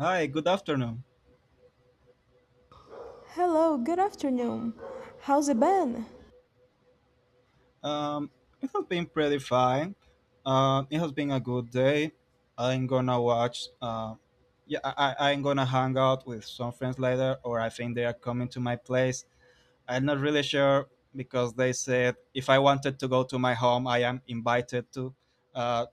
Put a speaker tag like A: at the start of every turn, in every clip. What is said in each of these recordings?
A: Hi, good afternoon.
B: Hello, good afternoon. How's it been?
A: Um, it has been pretty fine. It has been a good day. I'm gonna watch. Yeah, I'm gonna hang out with some friends later, or I think they are coming to my place. I'm not really sure because they said if I wanted to go to my home, I am invited to. Uh,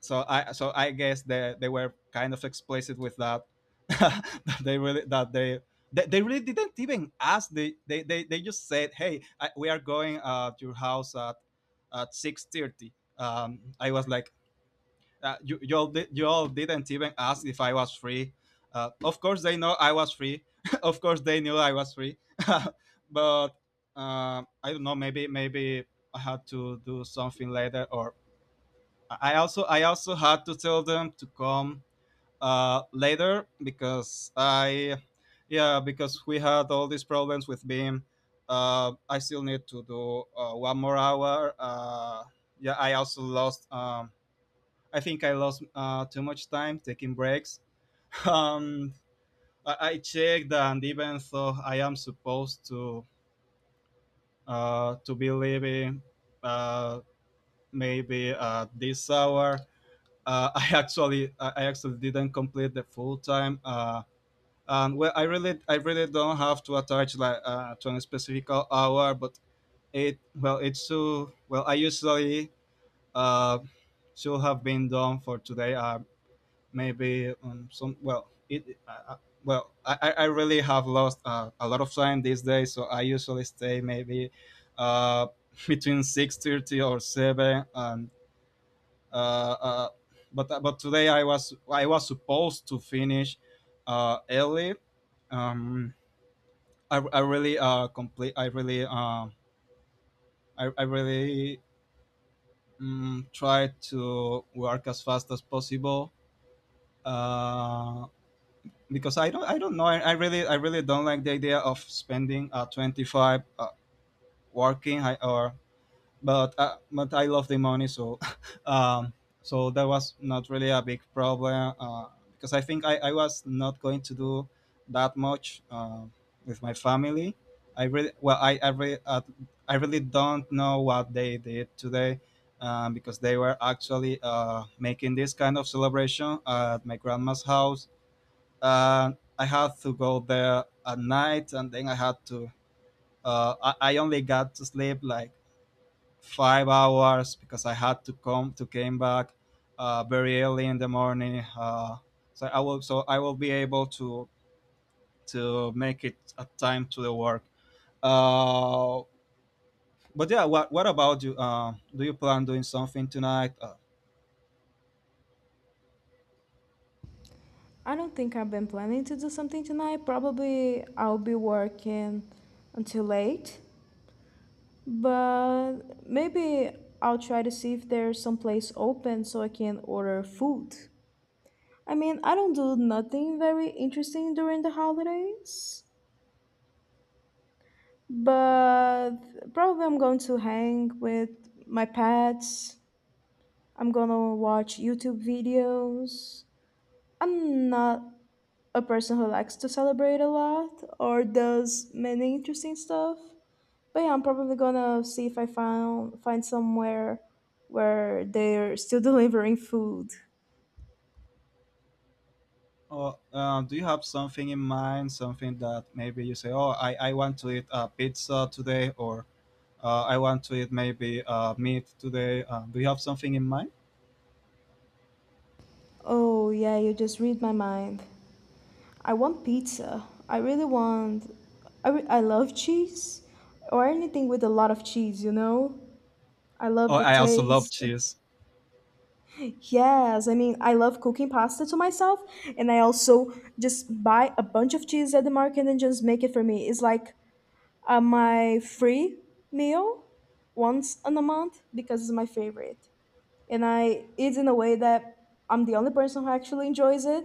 A: so I guess they were kind of explicit with that. That they really didn't even ask. They just said, "Hey, we are going to your house at 6:30. I was like, you all, you all didn't even ask if I was free. Of course they know I was free. Of course they knew I was free. But I don't know. Maybe I had to do something later, or I also had to tell them to come later because I yeah because we had all these problems with Beam. I still need to do one more hour. Yeah, I also lost. I think I lost too much time taking breaks. Um, I checked, and even though I am supposed to be leaving uh, maybe at this hour, I actually didn't complete the full time. And well, I really don't have to attach like to a specific hour, but it well it's too well I usually uh, should have been done for today. Maybe some well it well I really have lost a lot of time these days, so I usually stay maybe uh, between 6:30 or 7 and uh, uh, but today I was I was supposed to finish early, um, I really complete I really I really try to work as fast as possible uh, because I don't know I really don't like the idea of spending 25 working or but I love the money, so um, so that was not really a big problem because I think I was not going to do that much with my family. I really, I really don't know what they did today because they were actually making this kind of celebration at my grandma's house. uh, I had to go there at night, and then I had to. I only got to sleep like 5 hours because I had to come to came back very early in the morning. So I will be able to make it a time to the work. Uh, but yeah, what about you? Do you plan doing something tonight?
B: I don't think I've been planning to do something tonight. Probably I'll be working until late, but maybe I'll try to see if there's some place open so I can order food. I mean, I don't do nothing very interesting during the holidays, but probably I'm going to hang with my pets. I'm gonna watch YouTube videos. I'm not a person who likes to celebrate a lot or does many interesting stuff. But yeah, I'm probably gonna see if I found find somewhere where they're still delivering food.
A: Oh, do you have something in mind? Something that maybe you say, "Oh, I want to eat pizza today," or "I want to eat maybe meat today." Do you have something in mind?
B: Oh yeah, you just read my mind. I want pizza. I really want. I love cheese or anything with a lot of cheese. You know, I
A: Oh,
B: love the
A: I also love
B: taste.
A: cheese.
B: Yes, I mean, I love cooking pasta to myself, and I also just buy a bunch of cheese at the market and just make it for me. It's like my free meal once in a month because it's my favorite. And I eat in a way that I'm the only person who actually enjoys it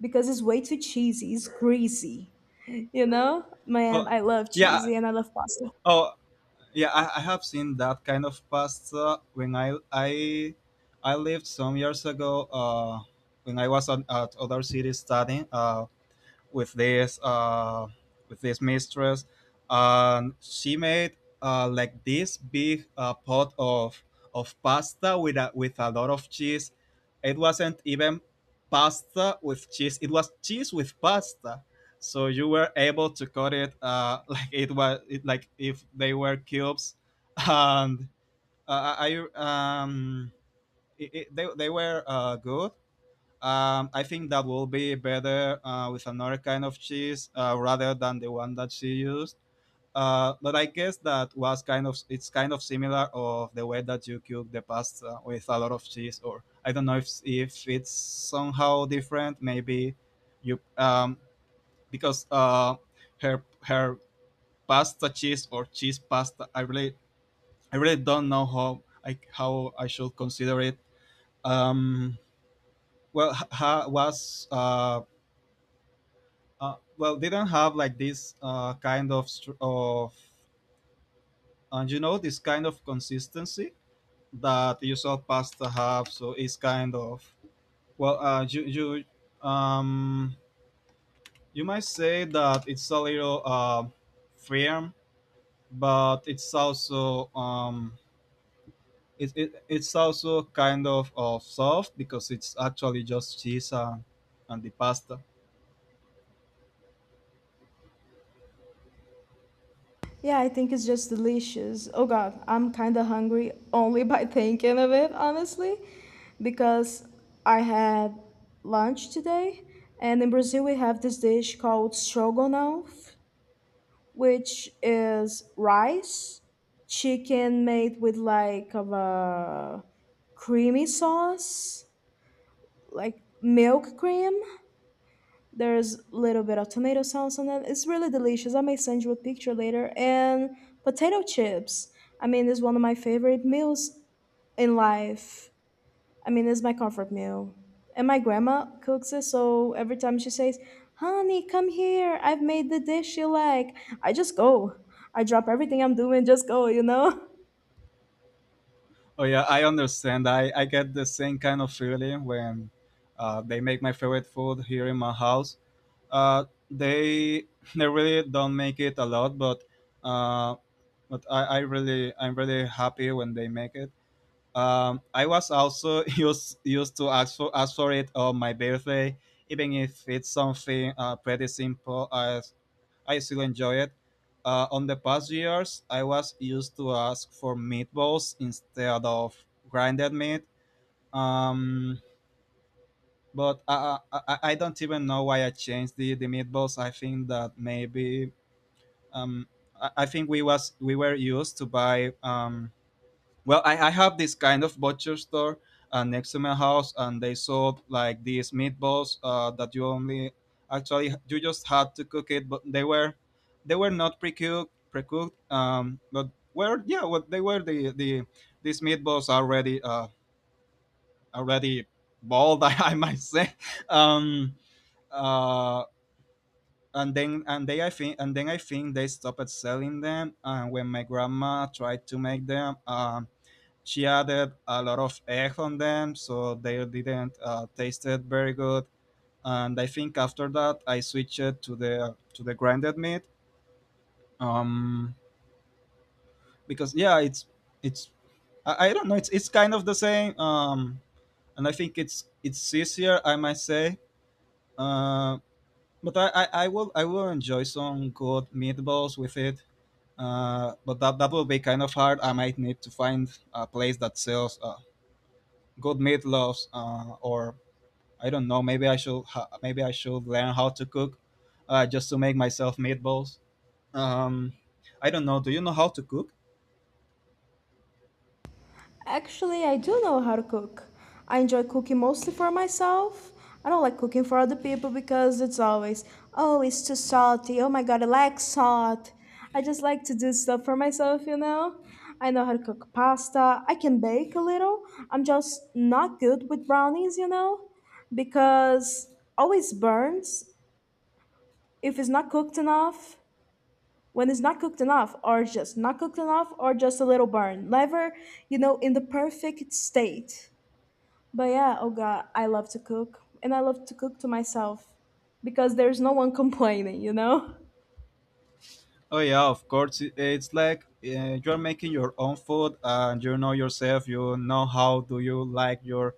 B: because it's way too cheesy, it's greasy. You know? Man,
A: Oh,
B: I love cheesy
A: yeah.
B: and I love pasta.
A: Oh, yeah. I have seen that kind of pasta when I lived some years ago. When I was on, at other city studying. With this uh, with this mistress, and she made like this big pot of pasta with with a lot of cheese. It wasn't even pasta with cheese; it was cheese with pasta. So you were able to cut it like it was it, like if they were cubes, and uh, I I- um, they were good. I think that will be better with another kind of cheese rather than the one that she used. But I guess that was kind of it's kind of similar of the way that you cook the pasta with a lot of cheese, or I don't know if it's somehow different. Maybe you because her pasta cheese or cheese pasta. I really don't know how I should consider it. Um, well, was well they don't have like this kind of of and you know this kind of consistency that usual pasta have, so it's kind of well you um you might say that it's a little firm but it's also it's also kind of soft because it's actually just cheese and the pasta.
B: Yeah, I think it's just delicious. Oh god, I'm kind of hungry only by thinking of it, honestly, because I had lunch today, and in Brazil we have this dish called stroganoff, which is rice, chicken made with like of a creamy sauce, like milk cream, there's a little bit of tomato sauce on it. It's really delicious. I may send you a picture later. And potato chips. I mean, it's one of my favorite meals in life. I mean, it's my comfort meal. And my grandma cooks it, so every time she says, "Honey, come here, I've made the dish you like," I just go. I drop everything I'm doing, just go, you know?
A: Oh yeah, I understand. I get the same kind of feeling when they make my favorite food here in my house. Uh, they they really don't make it a lot, uh, but I'm really happy when they make it. I was also used to ask for it on my birthday, even if it's something pretty simple as I still enjoy it. On the past years, I was used to ask for meatballs instead of grinded meat. Um, but I don't even know why I changed the meatballs. I think that maybe um, I think we were used to buy well, I have this kind of butcher store next to my house, and they sold like these meatballs that you only actually you just had to cook it, but they were not pre cooked, but were yeah, what they were the these meatballs already already bald, might say. Um, uh, and then I think they stopped selling them. And when my grandma tried to make them, she added a lot of egg on them, so they didn't tasted very good, and I think after that I switched to the grinded meat um because yeah it's I don't know, it's kind of the same. And I think it's easier, I might say. uh but I will enjoy some good meatballs with it, but that will be kind of hard. I might need to find a place that sells good meatloaves or I don't know. Maybe I should maybe I should learn how to cook, just to make myself meatballs. Um, I don't know. Do you know how to cook?
B: Actually, I do know how to cook. I enjoy cooking mostly for myself. I don't like cooking for other people because it's always, oh, it's too salty. Oh my god, I like salt. I just like to do stuff for myself, you know? I know how to cook pasta. I can bake a little. I'm just not good with brownies, you know? Because always burns if it's not cooked enough. When it's not cooked enough, or just not cooked enough, or just a little burn. Never, you know, in the perfect state. But yeah, oh god, I love to cook. And I love to cook to myself because there's no one complaining, you know?
A: Oh yeah, of course. It- It's like you're making your own food, and you know yourself. You know how do you like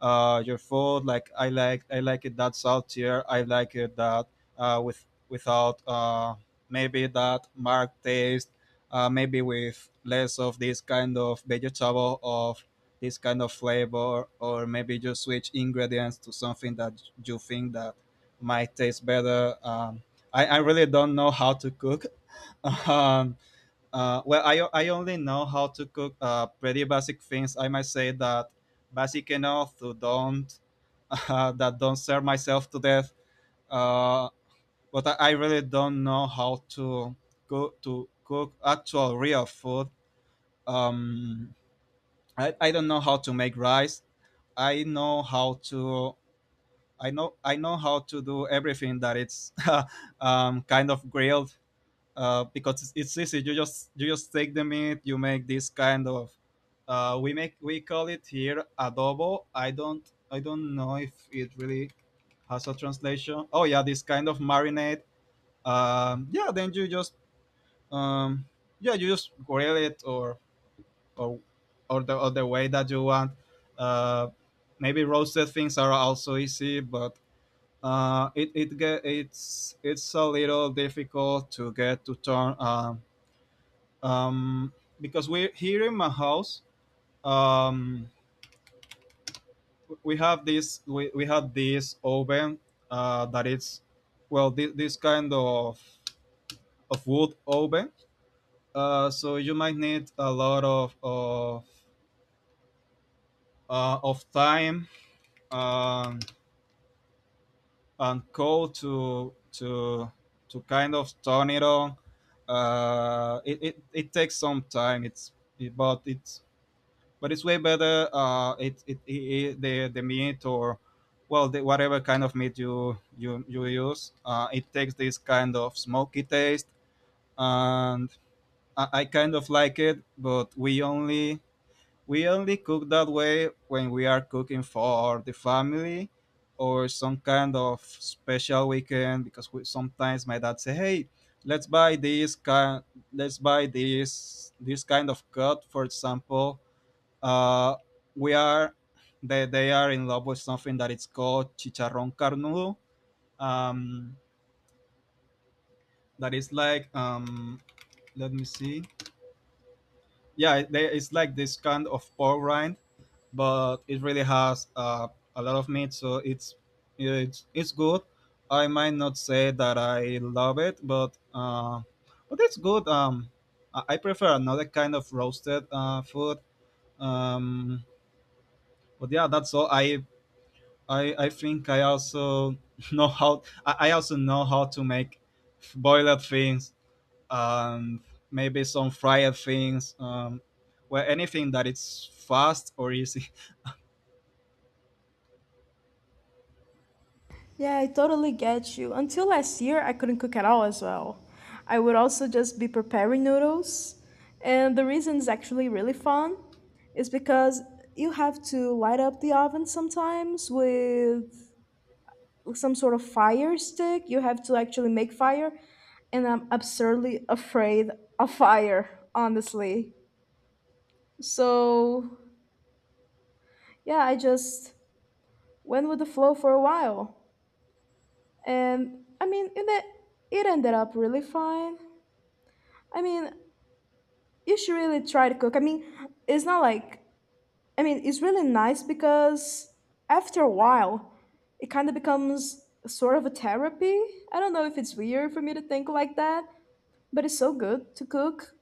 A: your food. Like I like it that saltier. I like it that with without maybe that marked taste. Maybe with less of this kind of vegetable of this kind of flavor, or maybe just switch ingredients to something that you think that might taste better. I really don't know how to cook, um, well, I only know how to cook pretty basic things. I might say that basic enough to don't that don't serve myself to death. Uh, but I really don't know how to cook actual real food. Um, I don't know how to make rice. I know how to I know how to do everything that it's kind of grilled because it's easy. You just take the meat. You make this kind of we call it here adobo. I don't know if it really has a translation. Oh yeah, this kind of marinade. Yeah, then you just um, yeah you just grill it or or the way that you want. Uh, Maybe roasted things are also easy, but it it get it's a little difficult to get to turn um, because we here in my house um, we have this we have this oven that is well this kind of wood oven so you might need a lot of of time um, and coal to kind of turn it on. It takes some time it's it, but it's way better. The meat or well the, whatever kind of meat you use, it takes this kind of smoky taste, and I kind of like it. But We only cook that way when we are cooking for the family or some kind of special weekend because sometimes my dad say, "Hey, let's buy this kind, let's buy this kind of cut, for example." uh, we are They are in love with something that is called chicharrón carnudo. um, that is like, let me see, yeah it's like this kind of pork rind, but it really has a lot of meat, so it's good. I might not say that I love it, but it's good. I prefer another kind of roasted food. um, but yeah, that's all I think I also know how I also know how to make boiled things, um, maybe some fried things, well, anything that it's fast or easy.
B: Yeah, I totally get you. Until last year, I couldn't cook at all as well. I would also just be preparing noodles. And the reason is actually really fun is because you have to light up the oven sometimes with some sort of fire stick. You have to actually make fire. And I'm absurdly afraid of fire, honestly. So yeah, I just went with the flow for a while. And I mean, it ended up really fine. I mean, you should really try to cook. I mean, it's not like, I mean, it's really nice because after a while, it kind of becomes sort of a therapy. I don't know if it's weird for me to think like that, but it's so good to cook,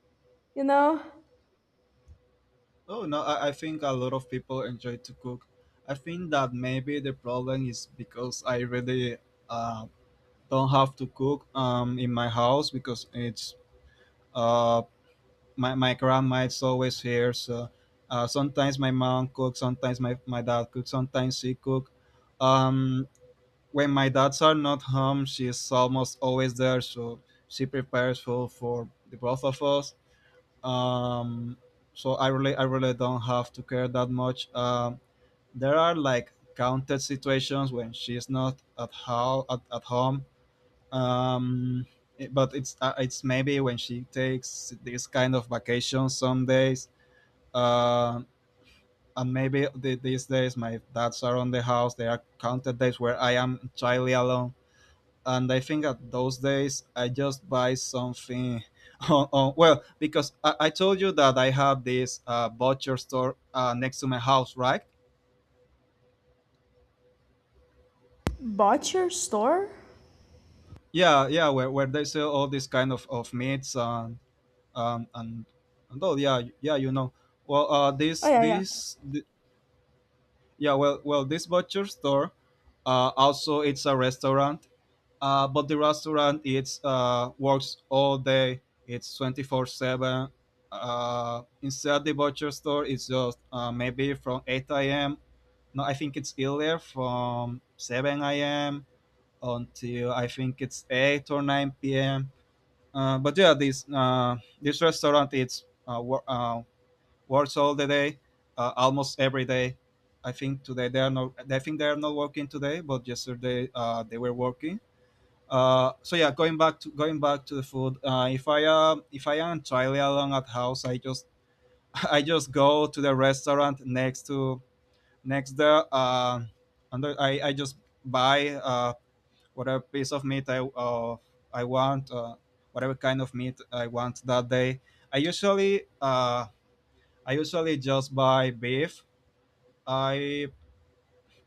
B: you know?
A: Oh no, I think a lot of people enjoy to cook. I think that maybe the problem is because I really uh, don't have to cook in my house, because it's uh, my grandma is always here, so sometimes my mom cooks, sometimes my dad cooks, sometimes she cook. um, when my dads are not home, she's almost always there, so she prepares food for the both of us. um, so I really don't have to care that much. There are like counted situations when she's not at at home. um, but it's maybe when she takes this kind of vacation, some days. uh, and maybe these days my dads are on the house. There are counted days where I am entirely alone. And I think at those days I just buy something. Well, because I told you that I have this butcher store next to my house, right?
B: Butcher store?
A: Yeah, yeah, where they sell all this kind of meats, um, and and oh yeah, yeah, you know. Well,
B: Oh, yeah, yeah.
A: yeah, well this butcher store, also it's a restaurant. But the restaurant, it's works all day. It's 24/7. Inside the butcher store, it's just maybe from 8 a.m. No, I think it's earlier, from 7 a.m. until, I think, it's 8 or 9 p.m. But yeah, this this restaurant it's uh, wor- uh, works all the day, almost every day. I think today they are not. I think they are not working today, but yesterday they were working. So yeah, going back to the food. If I am entirely alone at house, I just I just go to the restaurant next to next there. And then I just buy whatever piece of meat I want, whatever kind of meat I want that day. I usually uh I usually just buy beef. I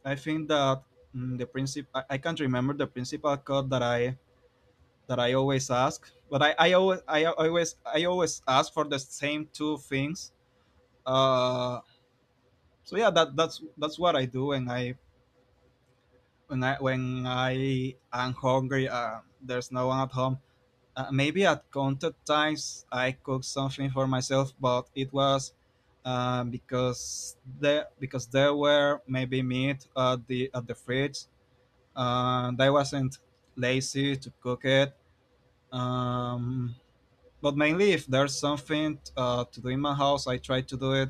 A: I think that the princip I can't remember the principal cut that I always ask, but I always ask for the same two things. Uh, so yeah, that's what I do when I when I am hungry. There's no one at home. Maybe at counted times I cooked something for myself, but it was because there were maybe meat at the fridge, and I wasn't lazy to cook it. Um, But mainly, if there's something to do in my house, I try to do it,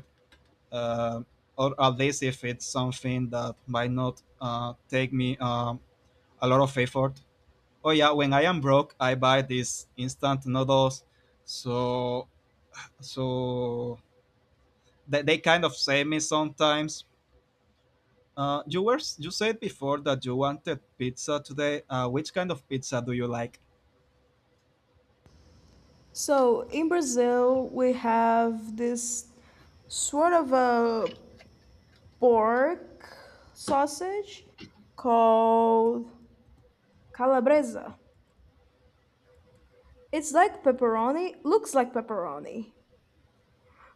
A: uh, or at least if it's something that might not take me a lot of effort. Oh yeah, when I am broke, I buy these instant noodles, so so they kind of save me sometimes. You said before that you wanted pizza today. Which kind of pizza do you like?
B: So in Brazil, we have this sort of a pork sausage called calabresa. It's like pepperoni, looks like pepperoni.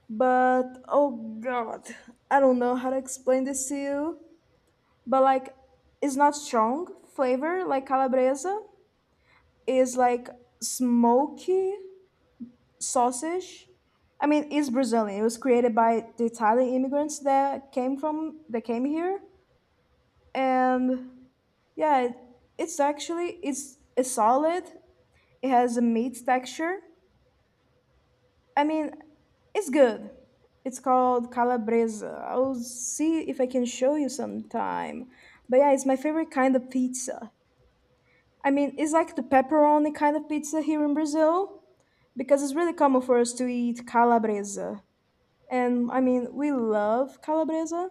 B: But oh god, I don't know how to explain this to you. But like, it's not strong flavor like calabresa. It's like smoky sausage. I mean, it's Brazilian. It was created by the Italian immigrants that came from that came here, and yeah, it's actually it's a solid. It has a meat texture. I mean, it's good. It's called calabresa. I'll see if I can show you sometime. But yeah, it's my favorite kind of pizza. I mean, it's like the pepperoni kind of pizza here in Brazil because it's really common for us to eat calabresa. And I mean, we love calabresa.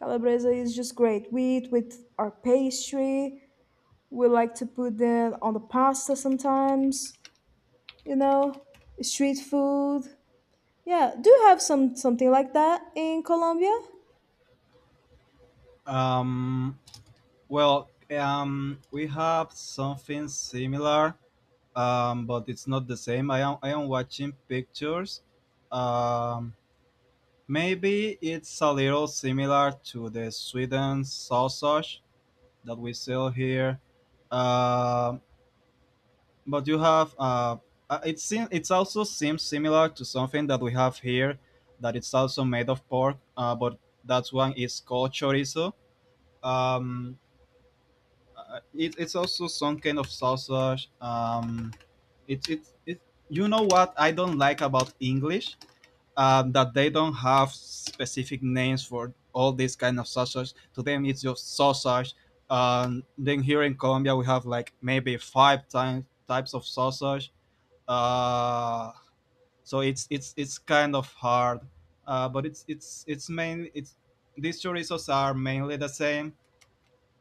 B: Calabresa is just great. We eat with our pastry. We like to put that on the pasta sometimes, you know, street food. Yeah, do you have something like that in Colombia?
A: Um, Well, we have something similar, but it's not the same. I am watching pictures. Um, Maybe it's a little similar to the Sweden sausage that we sell here. Um, but you have it seems, it also seems similar to something that we have here, that it's also made of pork. But that one is called chorizo. Um, it's also some kind of sausage. It, it, it, you know what I don't like about English? That they don't have specific names for all these kind of sausage. To them, it's just sausage. Then here in Colombia, we have like maybe five time, types of sausage. Uh, so it's kind of hard. But it's mainly it's, these chorizos are mainly the same.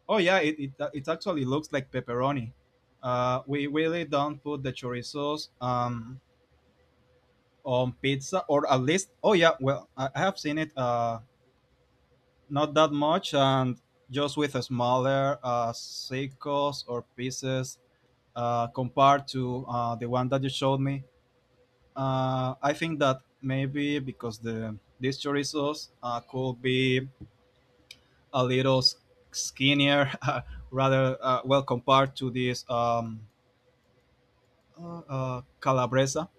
A: Oh yeah, it actually looks like pepperoni. We really don't put the chorizos on pizza, or at least, oh yeah, well, I have seen it not that much, and just with a smaller circles or pieces compared to the one that you showed me. I think that maybe because these chorizos could be a little skinnier, rather well, compared to this. Calabresa.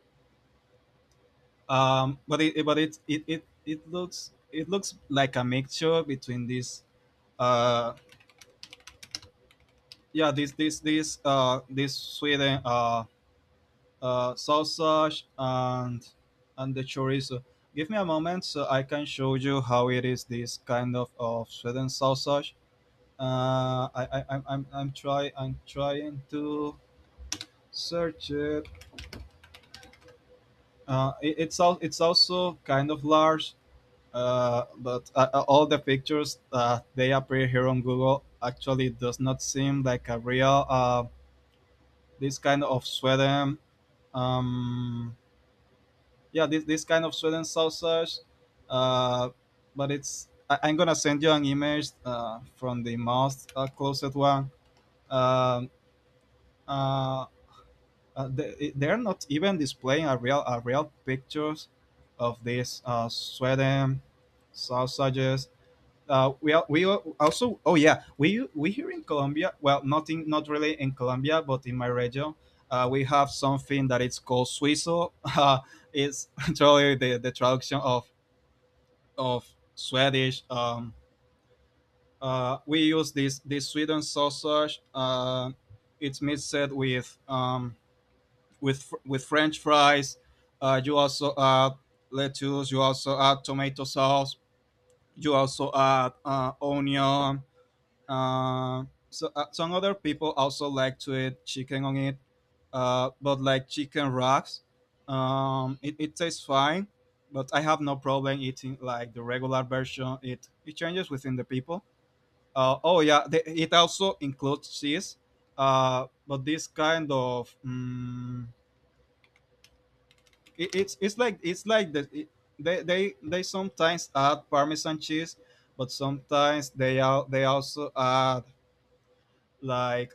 A: But it it looks, it looks like a mixture between this uh yeah this Sweden sausage and the chorizo. Give me a moment so I can show you how it is, this kind of Sweden sausage. I I'm try I'm trying to search it. It's also kind of large. But all the pictures they appear here on Google actually does not seem like a real this kind of Sweden. Um, yeah, this kind of Sweden sausage. Uh, but it's, I'm gonna send you an image from the most closest one. Um, uh, they're not even displaying a real pictures of these Sweden sausages. Also oh yeah we here in Colombia, well nothing. Not really in Colombia, but in my region we have something that it's called suizo. It's totally the traduction of of Swedish. We use this Sweden sausage. It's mixed with with French fries. You also add lettuce, you also add tomato sauce, you also add onion. So some other people also like to eat chicken on it, but like chicken wraps. It tastes fine. But I have no problem eating like the regular version. It changes within the people. Oh yeah, it also includes cheese. But this kind of it's like they they sometimes add parmesan cheese, but sometimes they also add like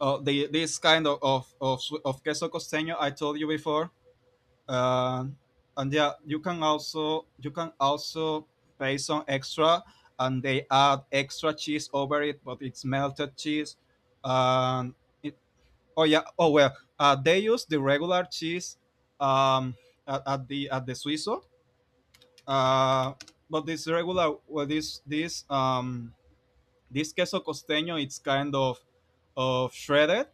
A: the this kind of of queso costeño I told you before. Uh, and yeah, you can also pay some extra, and they add extra cheese over it, but it's melted cheese. Um, it, oh yeah, oh well, they use the regular cheese um, at the suizo, uh, but this regular, well this queso costeño, it's kind of shredded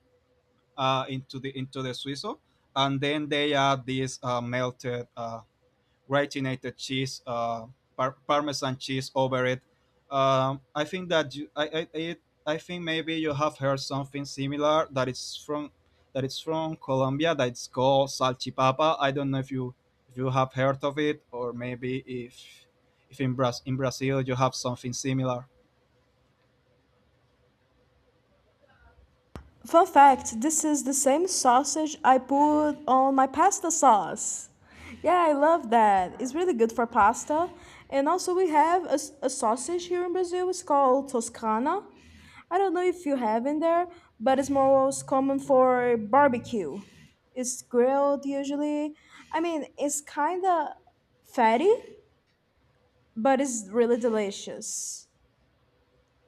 A: into the suizo, and then they add this melted gratinated cheese, parmesan cheese over it. I think that I think maybe you have heard something similar that it's from Colombia, that it's called salchipapa. I don't know if you have heard of it, or maybe if in, in Brazil you have something similar.
B: Fun fact, this is the same sausage I put on my pasta sauce. Yeah, I love that. It's really good for pasta. And also, we have a sausage here in Brazil. It's called Toscana. I don't know if you have in there, but it's most common for barbecue. It's grilled usually. I mean, it's kind of fatty, but it's really delicious.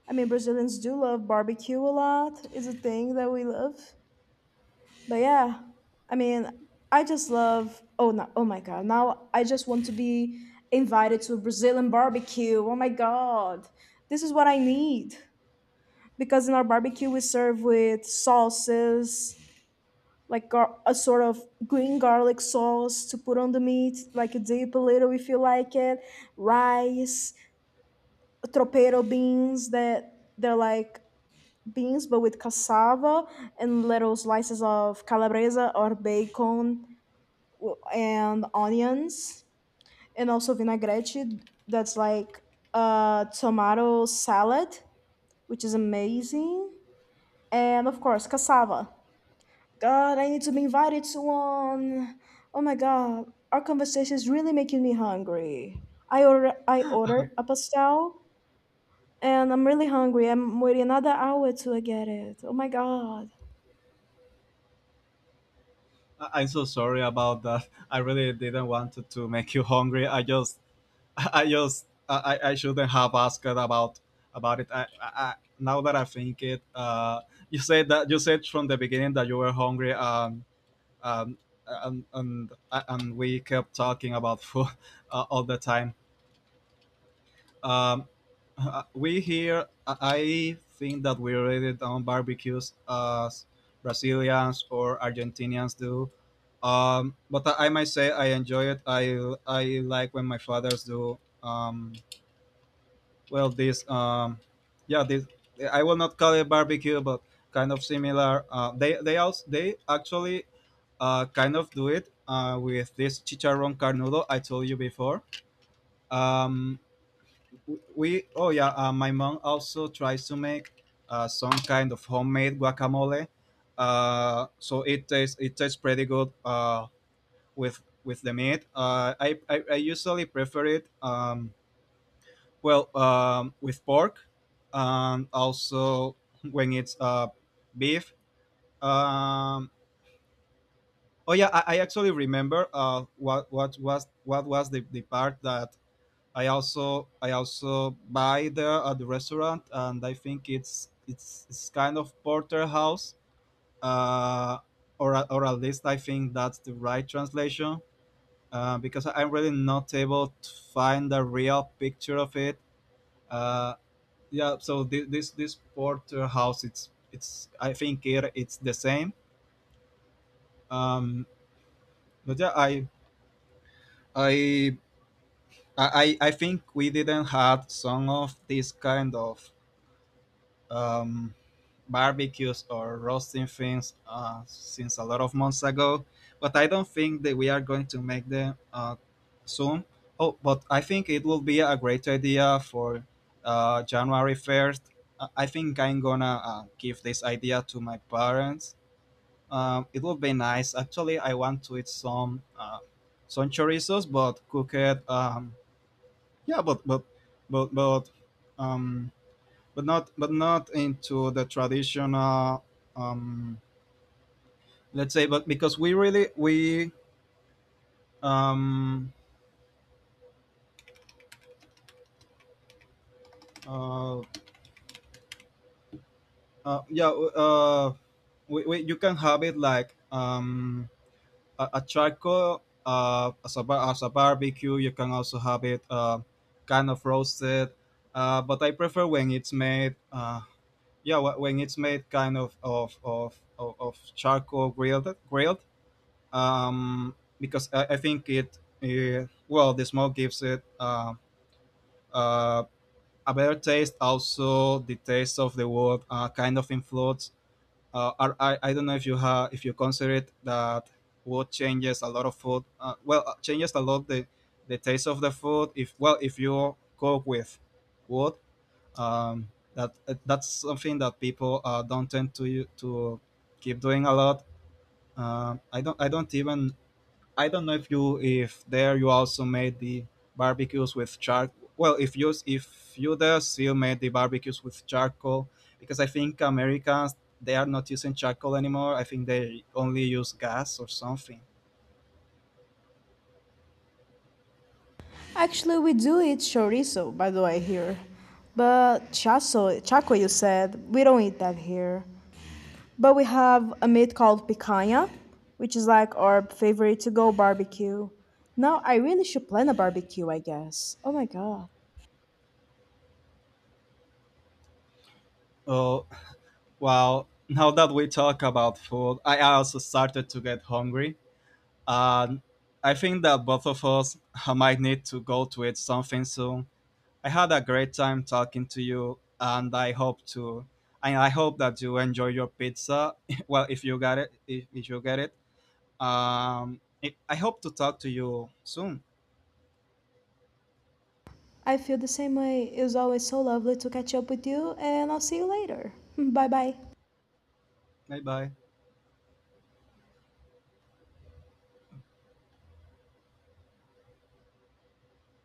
B: I mean, Brazilians do love barbecue a lot. It's a thing that we love. But yeah, I mean, I just love. Oh no! Oh my god! Now I just want to be invited to a Brazilian barbecue. Oh my god! This is what I need because in our barbecue we serve with sauces, like a sort of green garlic sauce to put on the meat, like a dip a little if you like it. Rice, tropeiro beans that they're like beans but with cassava and little slices of calabresa or bacon and onions and also vinaigrette that's like a tomato salad which is amazing and of course cassava. God, I need to be invited to one. Oh my god, our conversation is really making me hungry. I ordered a pastel and I'm really hungry. I'm waiting another hour to get it. Oh my god.
A: I'm so sorry about that. I really didn't want to make you hungry. I just, I just, I shouldn't have asked about it. I, now that I think it, you said from the beginning that you were hungry. Um, and we kept talking about food all the time. Um, we here, I think that we already done barbecues as Brazilians or Argentinians do. But I might say I enjoy it. I like when my fathers do. Well, this yeah, this, I will not call it barbecue, but kind of similar. They also they actually kind of do it with this chicharrón carnudo I told you before. Um, we, oh yeah, my mom also tries to make some kind of homemade guacamole. So it tastes pretty good with the meat. I usually prefer it well with pork, and also when it's beef. Um, oh yeah, I actually remember what was the part that I also buy there at the restaurant, and I think it's it's kind of porterhouse, uh, or or at least I think that's the right translation, because I'm really not able to find a real picture of it. Uh, yeah, so this porterhouse, it's I think it's the same. Um, but yeah, I I think we didn't have some of this kind of. Um, Barbecues or roasting things since a lot of months ago, but I don't think that we are going to make them soon. Oh, but I think it will be a great idea for January 1st. I think I'm gonna give this idea to my parents. It would be nice. Actually, I want to eat some chorizos, but cook it. Yeah, but but um, but not into the traditional, um, let's say, but because we really we um, uh, yeah we, you can have it like a charcoal as a barbecue. You can also have it kind of roasted, but I prefer when it's made yeah when it's made kind of charcoal grilled because I think well, the smoke gives it uh, a better taste. Also, the taste of the wood kind of influence. I don't know if you have, if you consider it, that wood changes a lot of food. Well, changes a lot the taste of the food, if well, if you cook with wood. um, that that's something that people don't tend to keep doing a lot. Uh, I don't I don't even I don't know if you, if there, you also made the barbecues with charcoal. Well, if you there still made the barbecues with charcoal. Because I think Americans, they are not using charcoal anymore. I think they only use gas or something.
B: Actually, we do eat chorizo, by the way, here. But chaso, chaco, you said, we don't eat that here. But we have a meat called picanha, which is like our favorite to go barbecue. Now, I really should plan a barbecue, I guess. Oh my god.
A: Oh, well, now that we talk about food, I also started to get hungry, and I think that both of us might need to go to eat something soon. I had a great time talking to you, and I hope that you enjoy your pizza. Well, if you got it, if you get it, I hope to talk to you soon.
B: I feel the same way. It was always so lovely to catch up with you, and I'll see you later. Bye bye.
A: Bye bye.